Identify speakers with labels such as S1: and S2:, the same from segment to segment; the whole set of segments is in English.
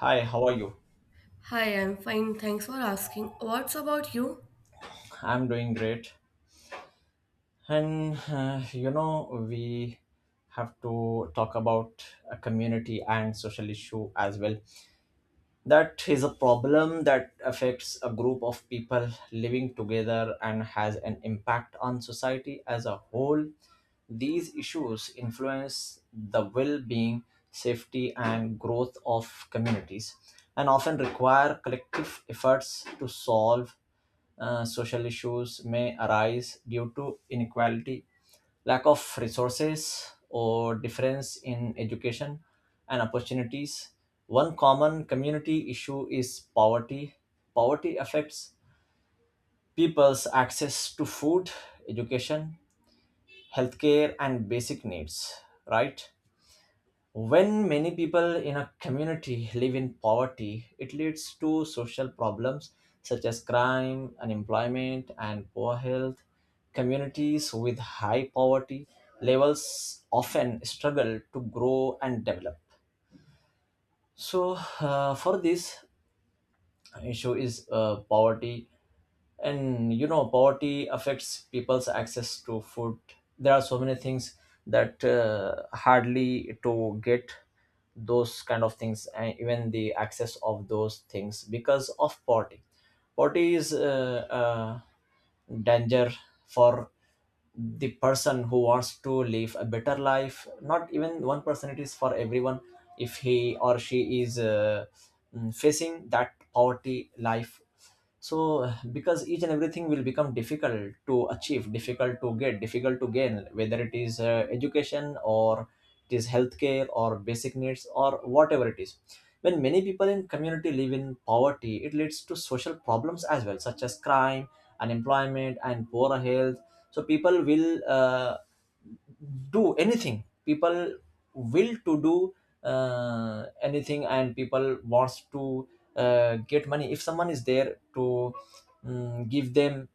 S1: Hi, how are you?
S2: Hi, I'm fine. Thanks for asking. What's about you?
S1: I'm doing great. We have to talk about a community and social issue as well. That is a problem that affects a group of people living together and has an impact on society as a whole. These issues influence the well being, safety, and growth of communities and often require collective efforts to solve. Social issues may arise due to inequality, lack of resources, or difference in education and opportunities. One common community issue is poverty. Poverty affects people's access to food, education, healthcare, and basic needs, right? When many people in a community live in poverty, it leads to social problems such as crime, unemployment, and poor health. Communities with high poverty levels often struggle to grow and develop. So, for this issue is poverty, and you know poverty affects people's access to food. There are so many things that hardly to get those kind of things, and even the access of those things, because of poverty. Poverty is danger for the person who wants to live a better life, not even one person, it is for everyone. If he or she is facing that poverty life, so because each and everything will become difficult to achieve, difficult to get, difficult to gain, whether it is education, or it is healthcare, or basic needs, or whatever it is. When many people in community live in poverty, it leads to social problems as well, such as crime, unemployment, and poor health. So people will do anything. People will to do anything and people wants to get money. If someone is there to give them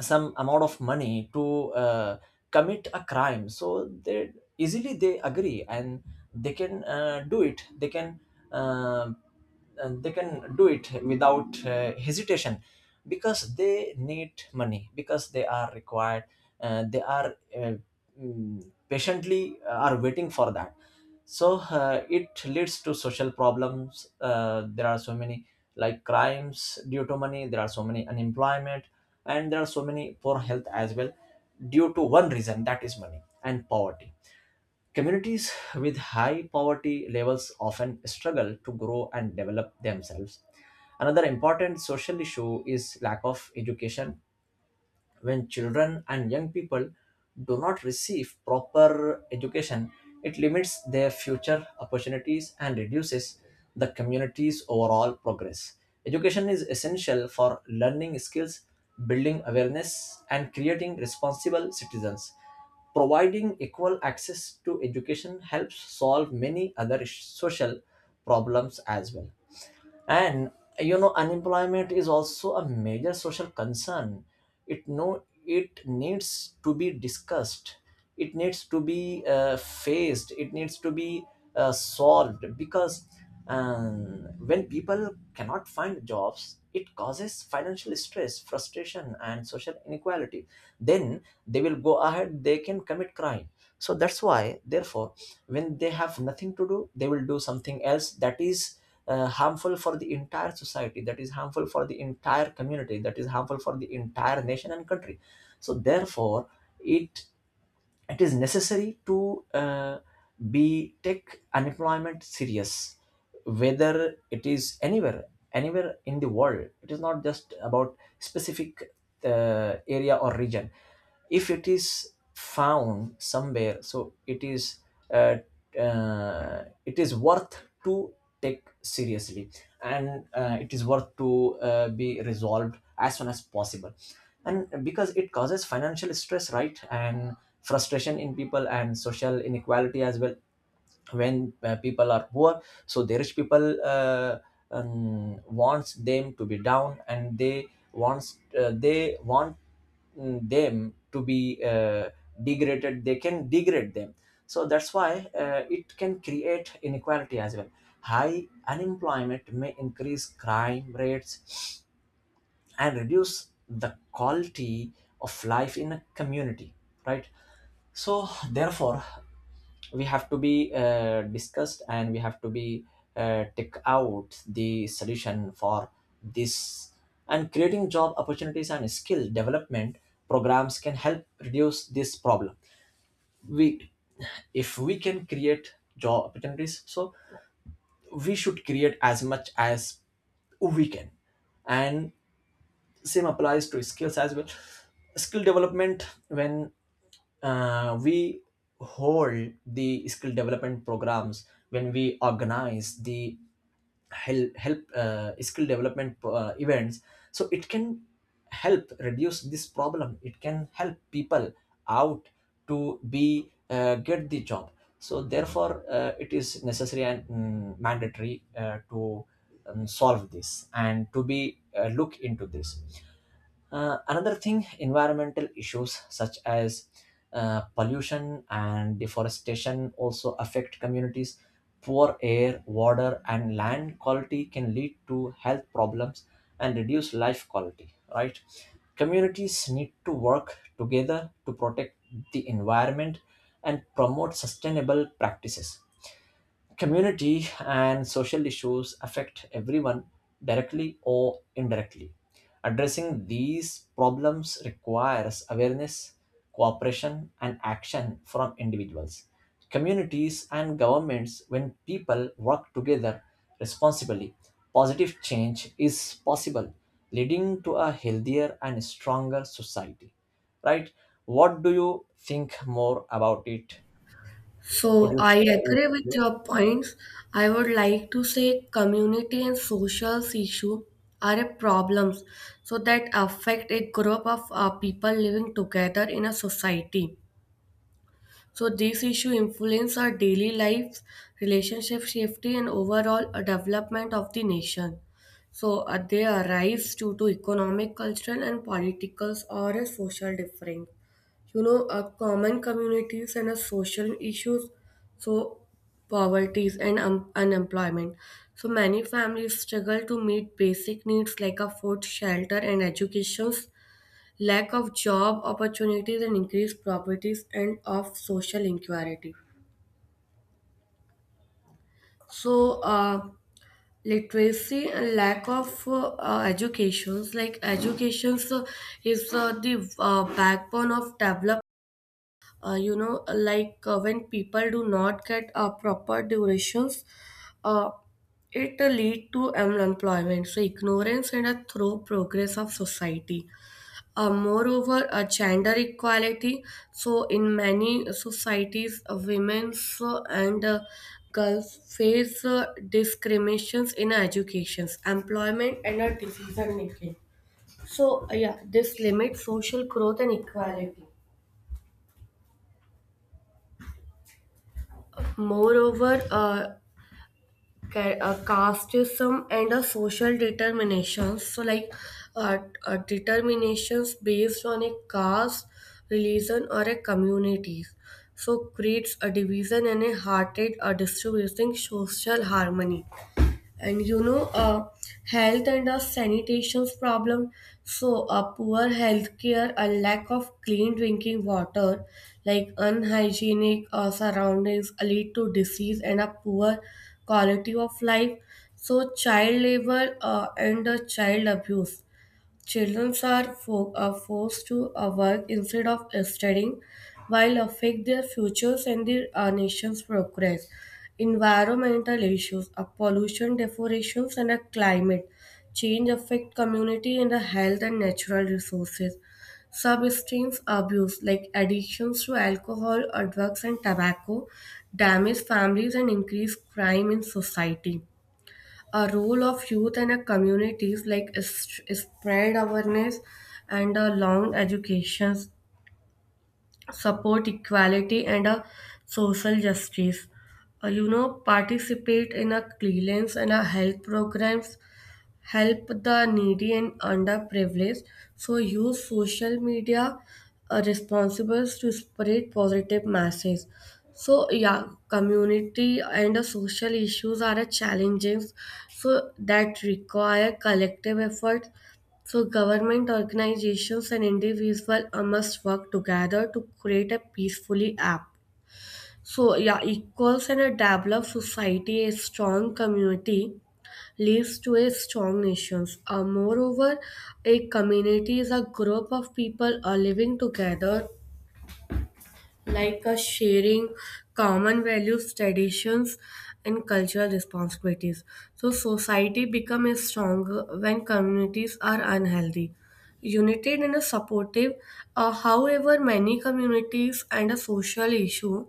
S1: some amount of money to commit a crime, so they easily they agree, and they can do it, they can and they can do it without hesitation, because they need money, because they are required. uh, they are uh, Patiently are waiting for that. So it leads to social problems. There are so many, like crimes due to money, there are so many unemployment, and there are so many poor health as well, due to one reason, that is money and poverty. Communities with high poverty levels often struggle to grow and develop themselves. Another important social issue is lack of education. When children and young people do not receive proper education, it limits their future opportunities and reduces the community's overall progress. Education is essential for learning skills, building awareness, and creating responsible citizens. Providing equal access to education helps solve many other social problems as well. And you know unemployment is also a major social concern. It no, it needs to be discussed, it needs to be faced, it needs to be solved, because when people cannot find jobs, it causes financial stress, frustration, and social inequality. Then they will go ahead, they can commit crime. So that's why, therefore, when they have nothing to do, they will do something else that is harmful for the entire society, that is harmful for the entire community, that is harmful for the entire nation and country. So therefore, it it is necessary to be take unemployment serious, whether it is anywhere, anywhere in the world. It is not just about specific area or region. If it is found somewhere, so uh, it is worth to take seriously, and it is worth to be resolved as soon as possible. And because it causes financial stress, right, and frustration in people, and social inequality as well. When people are poor, so the rich people wants them to be down, and they wants them to be degraded, they can degrade them. So that's why it can create inequality as well. High unemployment may increase crime rates and reduce the quality of life in a community, right? So therefore, we have to be discussed, and we have to be take out the solution for this. And creating job opportunities and skill development programs can help reduce this problem. We If we can create job opportunities, so we should create as much as we can. And same applies to skills as well. Skill development, when we hold the skill development programs, when we organize the help, help skill development events, so it can help reduce this problem, it can help people out to be get the job. So therefore it is necessary and mandatory to solve this and to be look into this. Another thing, environmental issues such as pollution and deforestation also affect communities. Poor air, water, and land quality can lead to health problems and reduce life quality, right? Communities need to work together to protect the environment and promote sustainable practices. Community and social issues affect everyone directly or indirectly. Addressing these problems requires awareness, cooperation, and action from individuals, communities, and governments. When people work together responsibly, positive change is possible, leading to a healthier and stronger society. Right? What do you think more about it? Could
S2: So,
S1: you
S2: I
S1: share it?
S2: agree with your points. I would like to say community and social issue are a problems so that affect a group of people living together in a society. So these issue influence our daily lives, relationship safety, and overall development of the nation. So they arise due to economic, cultural, and political or a social difference. You know, a common communities and a social issues, so poverties and unemployment. So many families struggle to meet basic needs like a food shelter and education, lack of job opportunities and increased properties and of social inequality. So literacy and lack of educations like education is the backbone of development. You know, like when people do not get proper durations, uh, it lead to unemployment so ignorance and a through progress of society. Moreover, gender equality, so in many societies, women and girls face discriminations in educations, employment, and decision making. So yeah, this limits social growth and equality. Moreover, casteism and a social determinations. So, like uh, determinations based on a caste, religion, or a community. So, creates a division and a hearted, a distributing social harmony. And you know, health and sanitation's problem. So poor healthcare, a lack of clean drinking water, like unhygienic surroundings lead to disease and a poor quality of life. So child labor and child abuse. Children are, are forced to work instead of studying, while affect their futures and their nation's progress. Environmental issues, pollution, deforestation, and a climate change affect community and the health and natural resources. Substance abuse like addictions to alcohol or drugs and tobacco damage families and increase crime in society. A role of youth and a communities like is spread awareness and a long education, support equality and a social justice. You know, participate in a cleanliness and a health programs, help the needy and underprivileged. So use social media responsible to spread positive messages. So yeah, community and the social issues are a challenging, so that require collective effort. So government organizations and individuals must work together to create a peacefully app. So yeah, equals and a developed society, a strong community leads to a strong nations. Moreover, a community is a group of people living together like a sharing common values, traditions, and cultural responsibilities. So society becomes stronger when communities are unhealthy. United and supportive, however, many communities and a social issue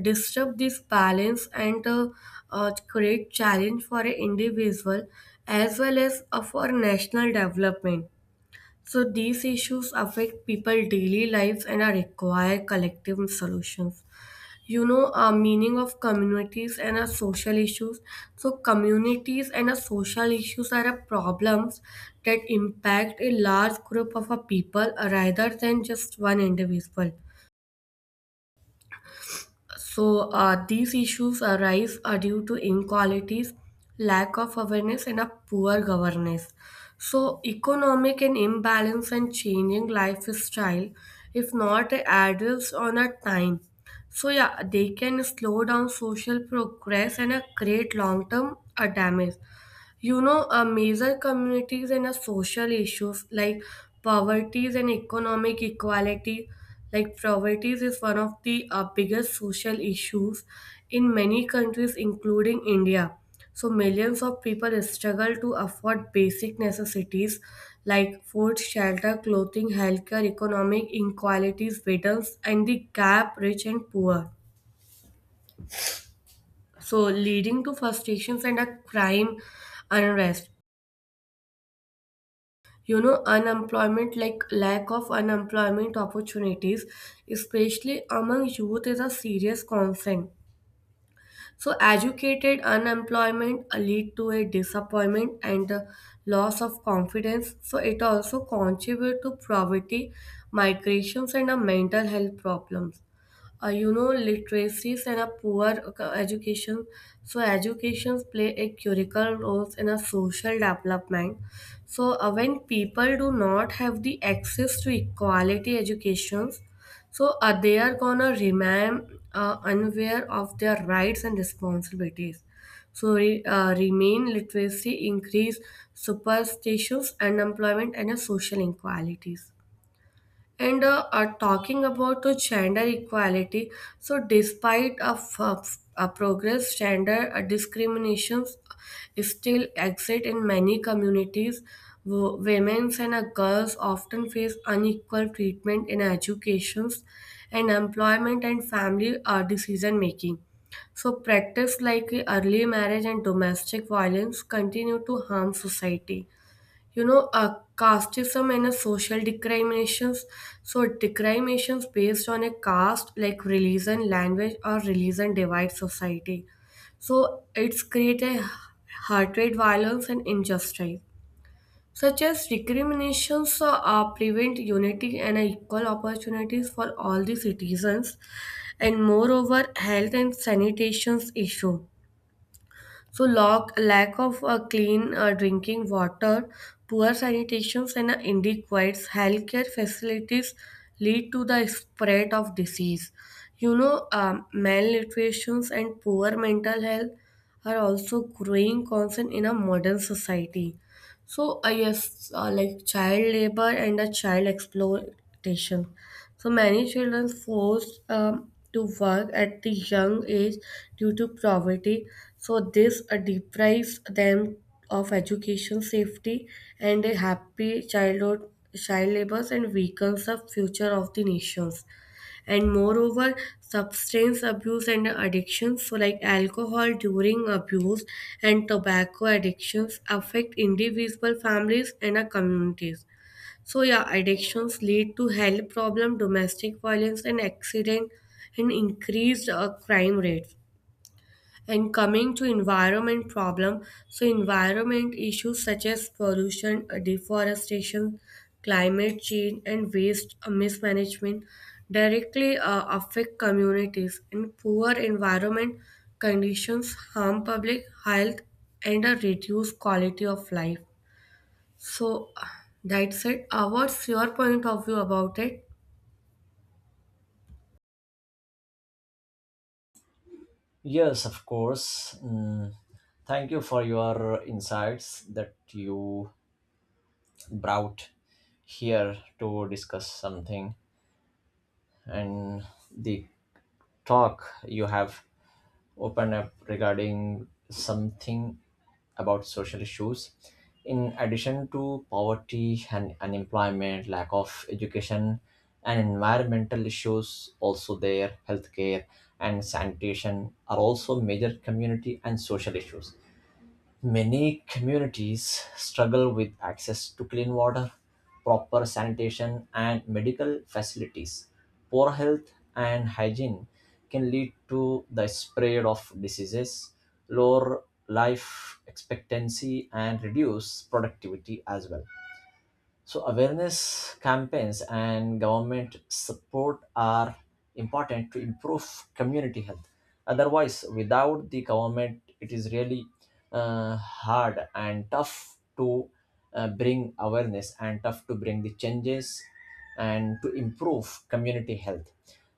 S2: disturb this balance and create challenge for an individual as well as for national development. So these issues affect people daily lives and are require collective solutions. You know, a meaning of communities and a social issues. So communities and a social issues are a problems that impact a large group of a people rather than just one individual. So, these issues arise are due to inequalities, lack of awareness, and a poor governance. So, economic and imbalance and changing lifestyle, if not addressed on a time. So, yeah, they can slow down social progress and create long term damage. You know, a major communities and a social issues like poverty and economic equality, like poverty is one of the biggest social issues in many countries, including India. So millions of people struggle to afford basic necessities like food, shelter, clothing, healthcare, economic inequalities, widens and the gap rich and poor, so leading to frustrations and a crime unrest. You know, unemployment like lack of unemployment opportunities, especially among youth, is a serious concern. So educated unemployment lead to a disappointment and loss of confidence, so it also contribute to poverty, migrations, and mental health problems. You know, literacies and a poor education. So educations play a critical role in a social development. So when people do not have the access to equality educations, so they are gonna remain unaware of their rights and responsibilities. So remain literacy increase superstitions, unemployment, and social inequalities. And are talking about gender equality. So despite of progress, gender discriminations still exist in many communities. Women and girls often face unequal treatment in educations and employment and family decision making. So practice like early marriage and domestic violence continue to harm society. You know, casteism and a social discriminations. So discriminations based on a caste like religion, language, or religion divide society. So it's create a heart rate violence and injustice, such as discriminations prevent unity and equal opportunities for all the citizens. And moreover, health and sanitation issue. So, lack of clean drinking water, poor sanitation, and inadequate healthcare facilities lead to the spread of disease. You know, malnutrition and poor mental health are also growing concern in a modern society. So, yes, like child labor and the child exploitation. So, many children forced to work at the young age due to poverty. So, this deprives them of education, safety, and a happy childhood. Child labor and weakens the future of the nations. And moreover, substance abuse and addictions, so like alcohol during abuse and tobacco addictions affect individual families and our communities. So yeah, addictions lead to health problem, domestic violence, and accident, and increased crime rates. And coming to environment problem, so environment issues such as pollution, deforestation, climate change, and waste mismanagement directly affect communities. And poor environment conditions harm public health and reduce quality of life. So that's it. What's your point of view about it?
S1: Yes, of course. Thank you for your insights that you brought here to discuss something, and the talk you have opened up regarding something about social issues. In addition to poverty and unemployment, lack of education, and environmental issues, also there, healthcare and sanitation are also major community and social issues. Many communities struggle with access to clean water, proper sanitation, and medical facilities. Poor health and hygiene can lead to the spread of diseases, lower life expectancy, and reduce productivity as well. So awareness campaigns and government support are important to improve community health. Otherwise, without the government, it is really hard and tough to bring awareness, and tough to bring the changes and to improve community health.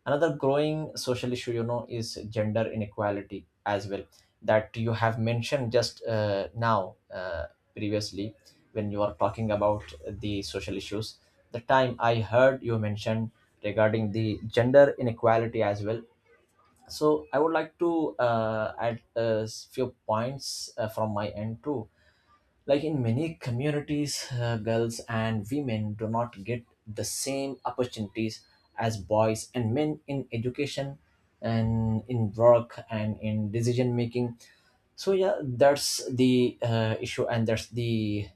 S1: Another growing social issue, you know, is gender inequality as well, that you have mentioned just now, previously, when you are talking about the social issues, the time I heard you mention regarding the gender inequality as well. So I would like to add a few points from my end too. Like in many communities girls and women do not get the same opportunities as boys and men in education, and in work, and in decision making. So yeah, that's the issue, and that's the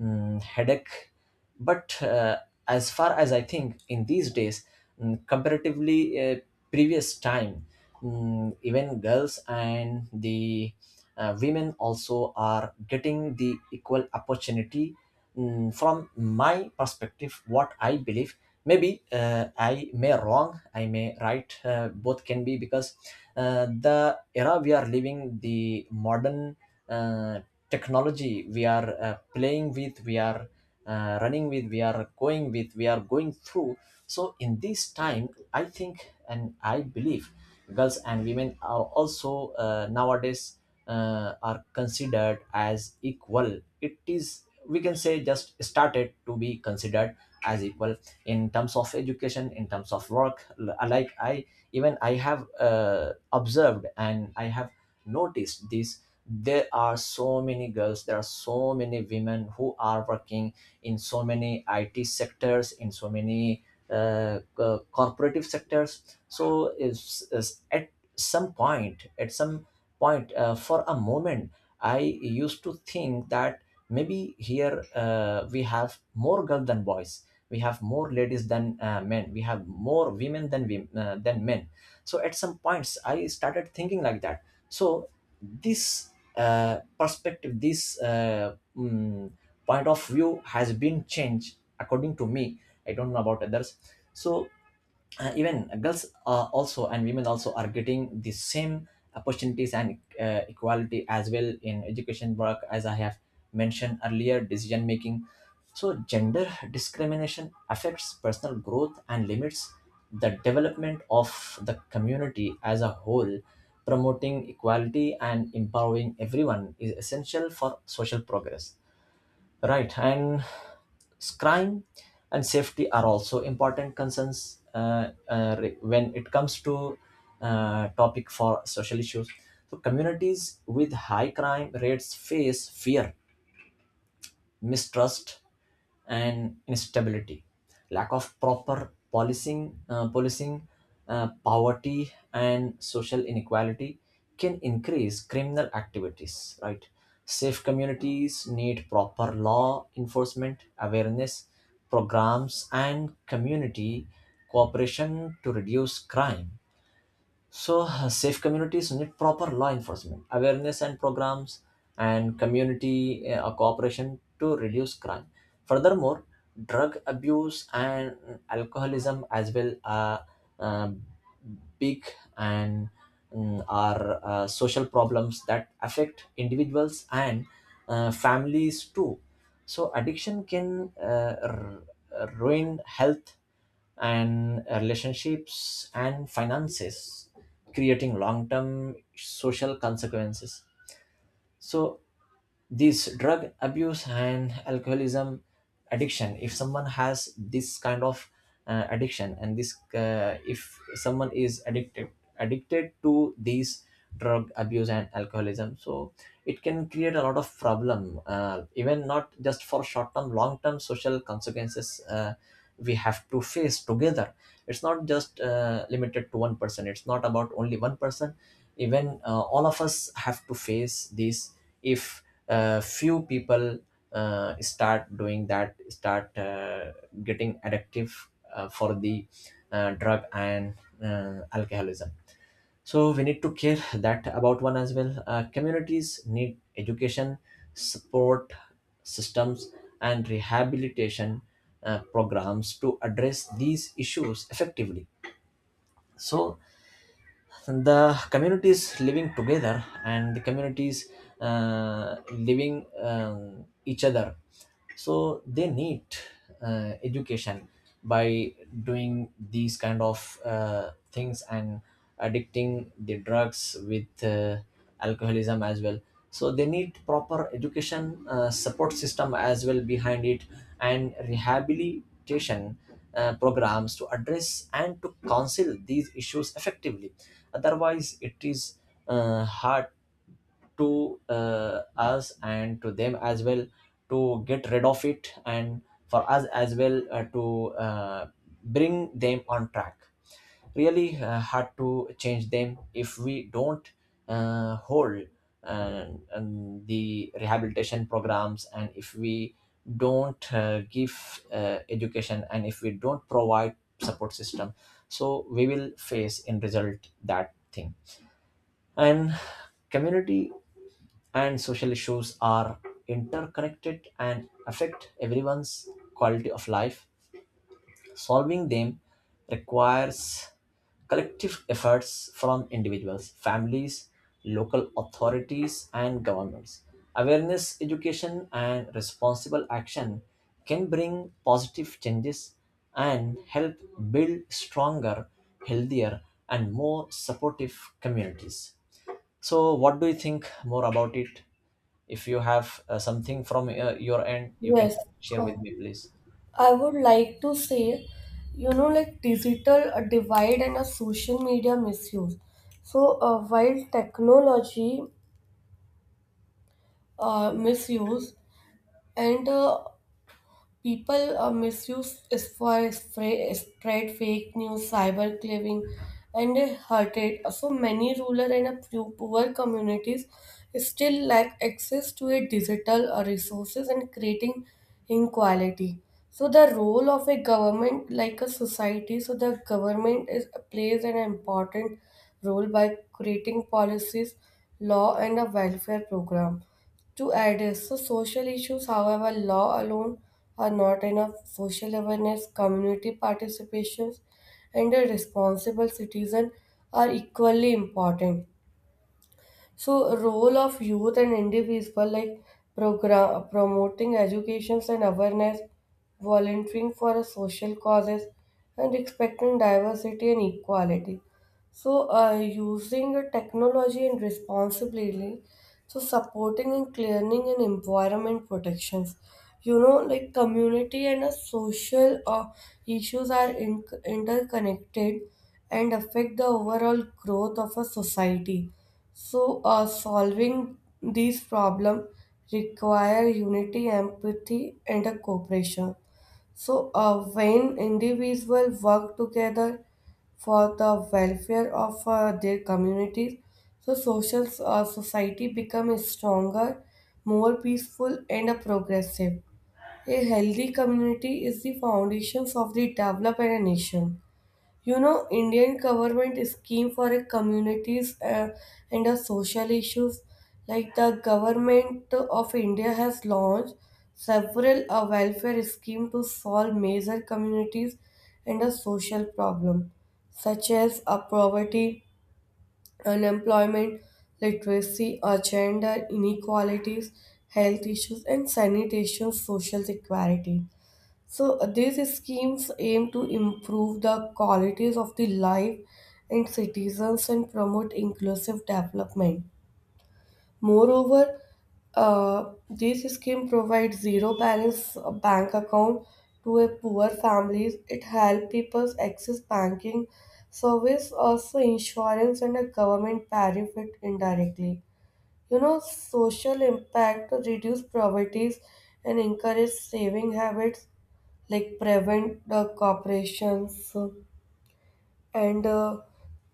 S1: headache. But as far as I think, in these days, comparatively previous time, even girls and the women also are getting the equal opportunity. From my perspective, what I believe, maybe I may wrong, I may right, both can be, because the era we are living, the modern uh, technology we are playing with, we are running with, we are going with, we are going through. So in this time, I think and I believe, girls and women are also nowadays are considered as equal. It is, we can say, just started to be considered as equal, in terms of education, in terms of work. Like I even I have observed and I have noticed this. There are so many girls, there are so many women who are working in so many IT sectors, in so many corporative sectors. So is at some point, for a moment, I used to think that maybe here we have more girls than boys. We have more ladies than men. We have more women than than men. So at some points, I started thinking like that. So this perspective, this point of view has been changed, according to me. I don't know about others. So even girls are also, and women also are getting the same opportunities and equality as well, in education, work, as I have mentioned earlier, decision making. So gender discrimination affects personal growth and limits the development of the community as a whole. Promoting equality and empowering everyone is essential for social progress. Right, and crime and safety are also important concerns, when it comes to topic for social issues. So communities with high crime rates face fear, mistrust, and instability. Lack of proper policing, poverty, and social inequality can increase criminal activities, right? Safe communities need proper law enforcement, awareness programs, and community cooperation to reduce crime. Safe communities need proper law enforcement, awareness and programs, and community cooperation to reduce crime. Furthermore, drug abuse and alcoholism as well are uh, big and are social problems that affect individuals and families too. So addiction can ruin health and relationships and finances, creating long term social consequences. So this drug abuse and alcoholism addiction, if someone has this kind of addiction, and this if someone is addicted addicted to these drug abuse and alcoholism, so it can create a lot of problem. Even not just for short term, long term social consequences, we have to face together. It's not just limited to one person, it's not about only one person, even all of us have to face these. If few people start doing that, start getting addictive for the drug and alcoholism, so we need to care that about one as well. Communities need education, support systems, and rehabilitation programs to address these issues effectively. So the communities living together, and the communities living each other, so they need education. By doing these kind of things and addicting the drugs with alcoholism as well, so they need proper education, support system as well behind it, and rehabilitation programs to address and to counsel these issues effectively. Otherwise, it is hard to us and to them as well to get rid of it, and for us as well to bring them on track. Really hard to change them, if we don't hold uh, and the rehabilitation programs, and if we don't give education, and if we don't provide support system, so we will face in result that thing. And community and social issues are interconnected and affect everyone's quality of life. Solving them requires collective efforts from individuals, families, local authorities, and governments. Awareness, education, and responsible action can bring positive changes and help build stronger, healthier, and more supportive communities. So, what do you think more about it? If you have something from your end, you can
S2: Yes.
S1: share
S2: Uh,
S1: with me, please.
S2: I would like to say, you know, like digital divide and a social media misuse. So while technology misuse and people misuse is for spray, spread fake news, cyberbullying, and hatred. So many rural and poor communities still lack access to a digital resources and creating inequality. So the role of a government, like a society, so the government is plays an important role by creating policies, law, and a welfare program to address. So, social issues, however, law alone are not enough. Social awareness, community participations, and a responsible citizen are equally important. So, role of youth and individual like program promoting educations and awareness, volunteering for social causes, and respecting diversity and equality. So, using a technology and responsibly, so supporting and clearing and environment protections. You know, like community and social issues are interconnected and affect the overall growth of a society. So, solving these problems require unity, empathy, and a cooperation. So, when individuals work together for the welfare of their communities, so social society becomes stronger, more peaceful, and progressive. A healthy community is the foundations of the development of a nation. You know, Indian government scheme for a communities and a social issues, like the government of India has launched several welfare scheme to solve major communities and a social problem such as poverty, unemployment, literacy, gender inequalities, health issues, and sanitation social equality. So these schemes aim to improve the qualities of the life and citizens and promote inclusive development. Moreover, this scheme provides zero balance bank account to a poor families. It helps people access banking service, also insurance and a government benefit indirectly. You know, social impact to reduce poverty and encourage saving habits like prevent the corporations and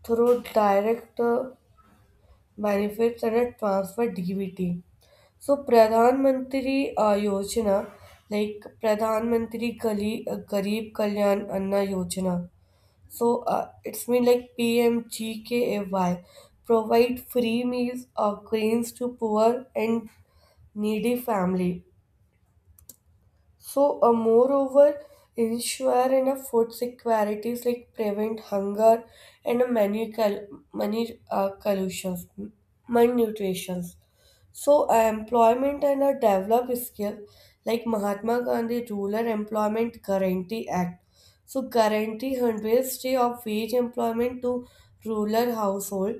S2: through direct benefits and a transfer DBT. So Pradhan Mantri Yojana, like Pradhan Mantri Gali, Garib Kalyan Anna Yojana. So it's mean like PMGKAY provide free meals or grains to poor and needy family. So, moreover, ensure enough food securities like prevent hunger and many collusions, malnutritions. So, employment and a develop skill like Mahatma Gandhi Rural Employment Guarantee Act. So, guarantee hundreds day of wage employment to rural household,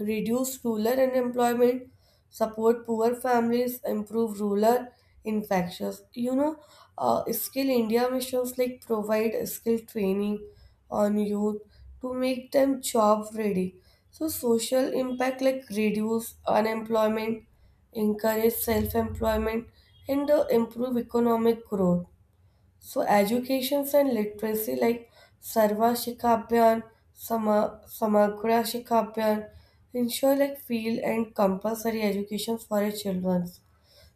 S2: reduce rural unemployment, support poor families, improve rural infections. You know, Skill India missions like provide skill training on youth to make them job ready. So social impact like reduce unemployment, encourage self-employment, and improve economic growth. So educations and literacy like Sarva Shikha Abhiyan, Samagra Shikha Abhiyan ensure like field and compulsory education for our children.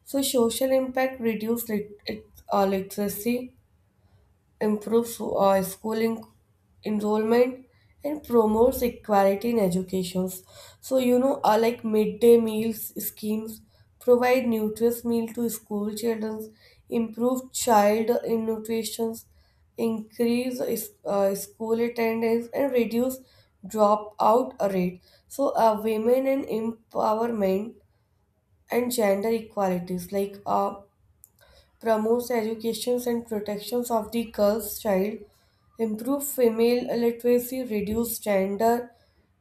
S2: So social impact reduce literacy, improves schooling enrollment and promotes equality in educations. So you know, like midday meals schemes provide nutritious meal to school children, improve child in nutrition, increase school attendance and reduce dropout rate. So women and empowerment and gender equalities, like promotes education and protections of the girl's child, improve female literacy, reduce gender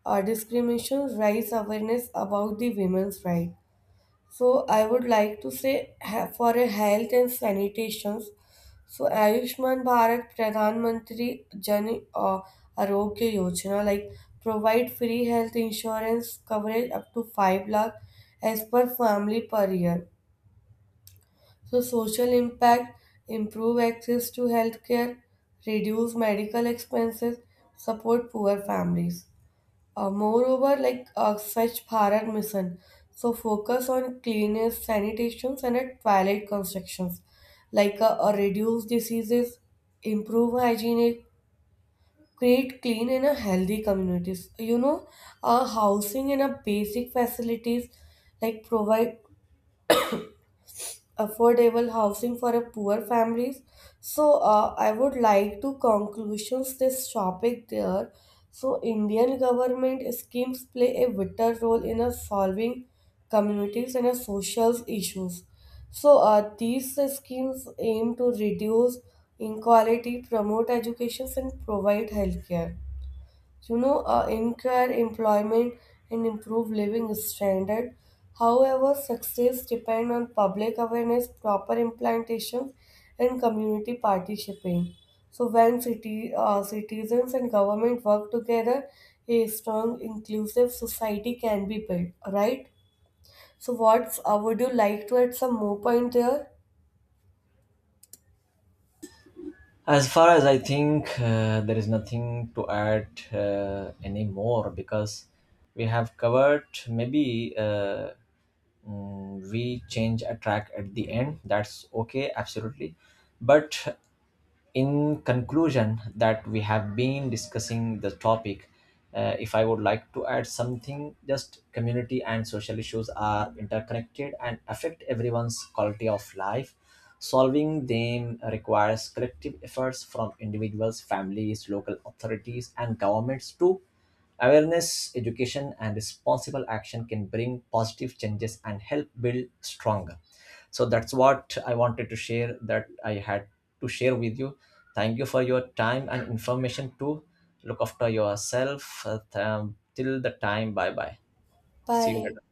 S2: discrimination, raise awareness about the women's right. So I would like to say for a health and sanitation. So Ayushman Bharat Pradhan Mantri Jan Arogya Yojana like provide free health insurance coverage up to 5 lakh as per family per year. So social impact, improve access to healthcare, reduce medical expenses, support poor families. Moreover, like Swachh Bharat mission, so focus on cleanliness, sanitations, and at toilet constructions, like reduce diseases, improve hygiene, create clean and a healthy communities. You know, housing and a basic facilities like provide affordable housing for a poor families. So I would like to conclusions this topic there. So Indian government schemes play a vital role in a solving communities and a social issues. So these schemes aim to reduce inequality, promote education, and provide healthcare. So, you know, increase employment and improve living standard. However, success depends on public awareness, proper implementation, and community participation. So, when citizens and government work together, a strong, inclusive society can be built. Right? So, what would you like to add some more point there?
S1: As far as I think, there is nothing to add anymore, because we have covered maybe we change a track at the end. That's okay, absolutely. But in conclusion, that we have been discussing the topic, if I would like to add something, just community and social issues are interconnected and affect everyone's quality of life. Solving them requires collective efforts from individuals, families, local authorities, and governments too. Awareness, education, and responsible action can bring positive changes and help build stronger. So that's what I wanted to share, that I had to share with you. Thank you for your time and information too. Look after yourself. Till the time, bye bye. See you
S2: Bye.
S1: later.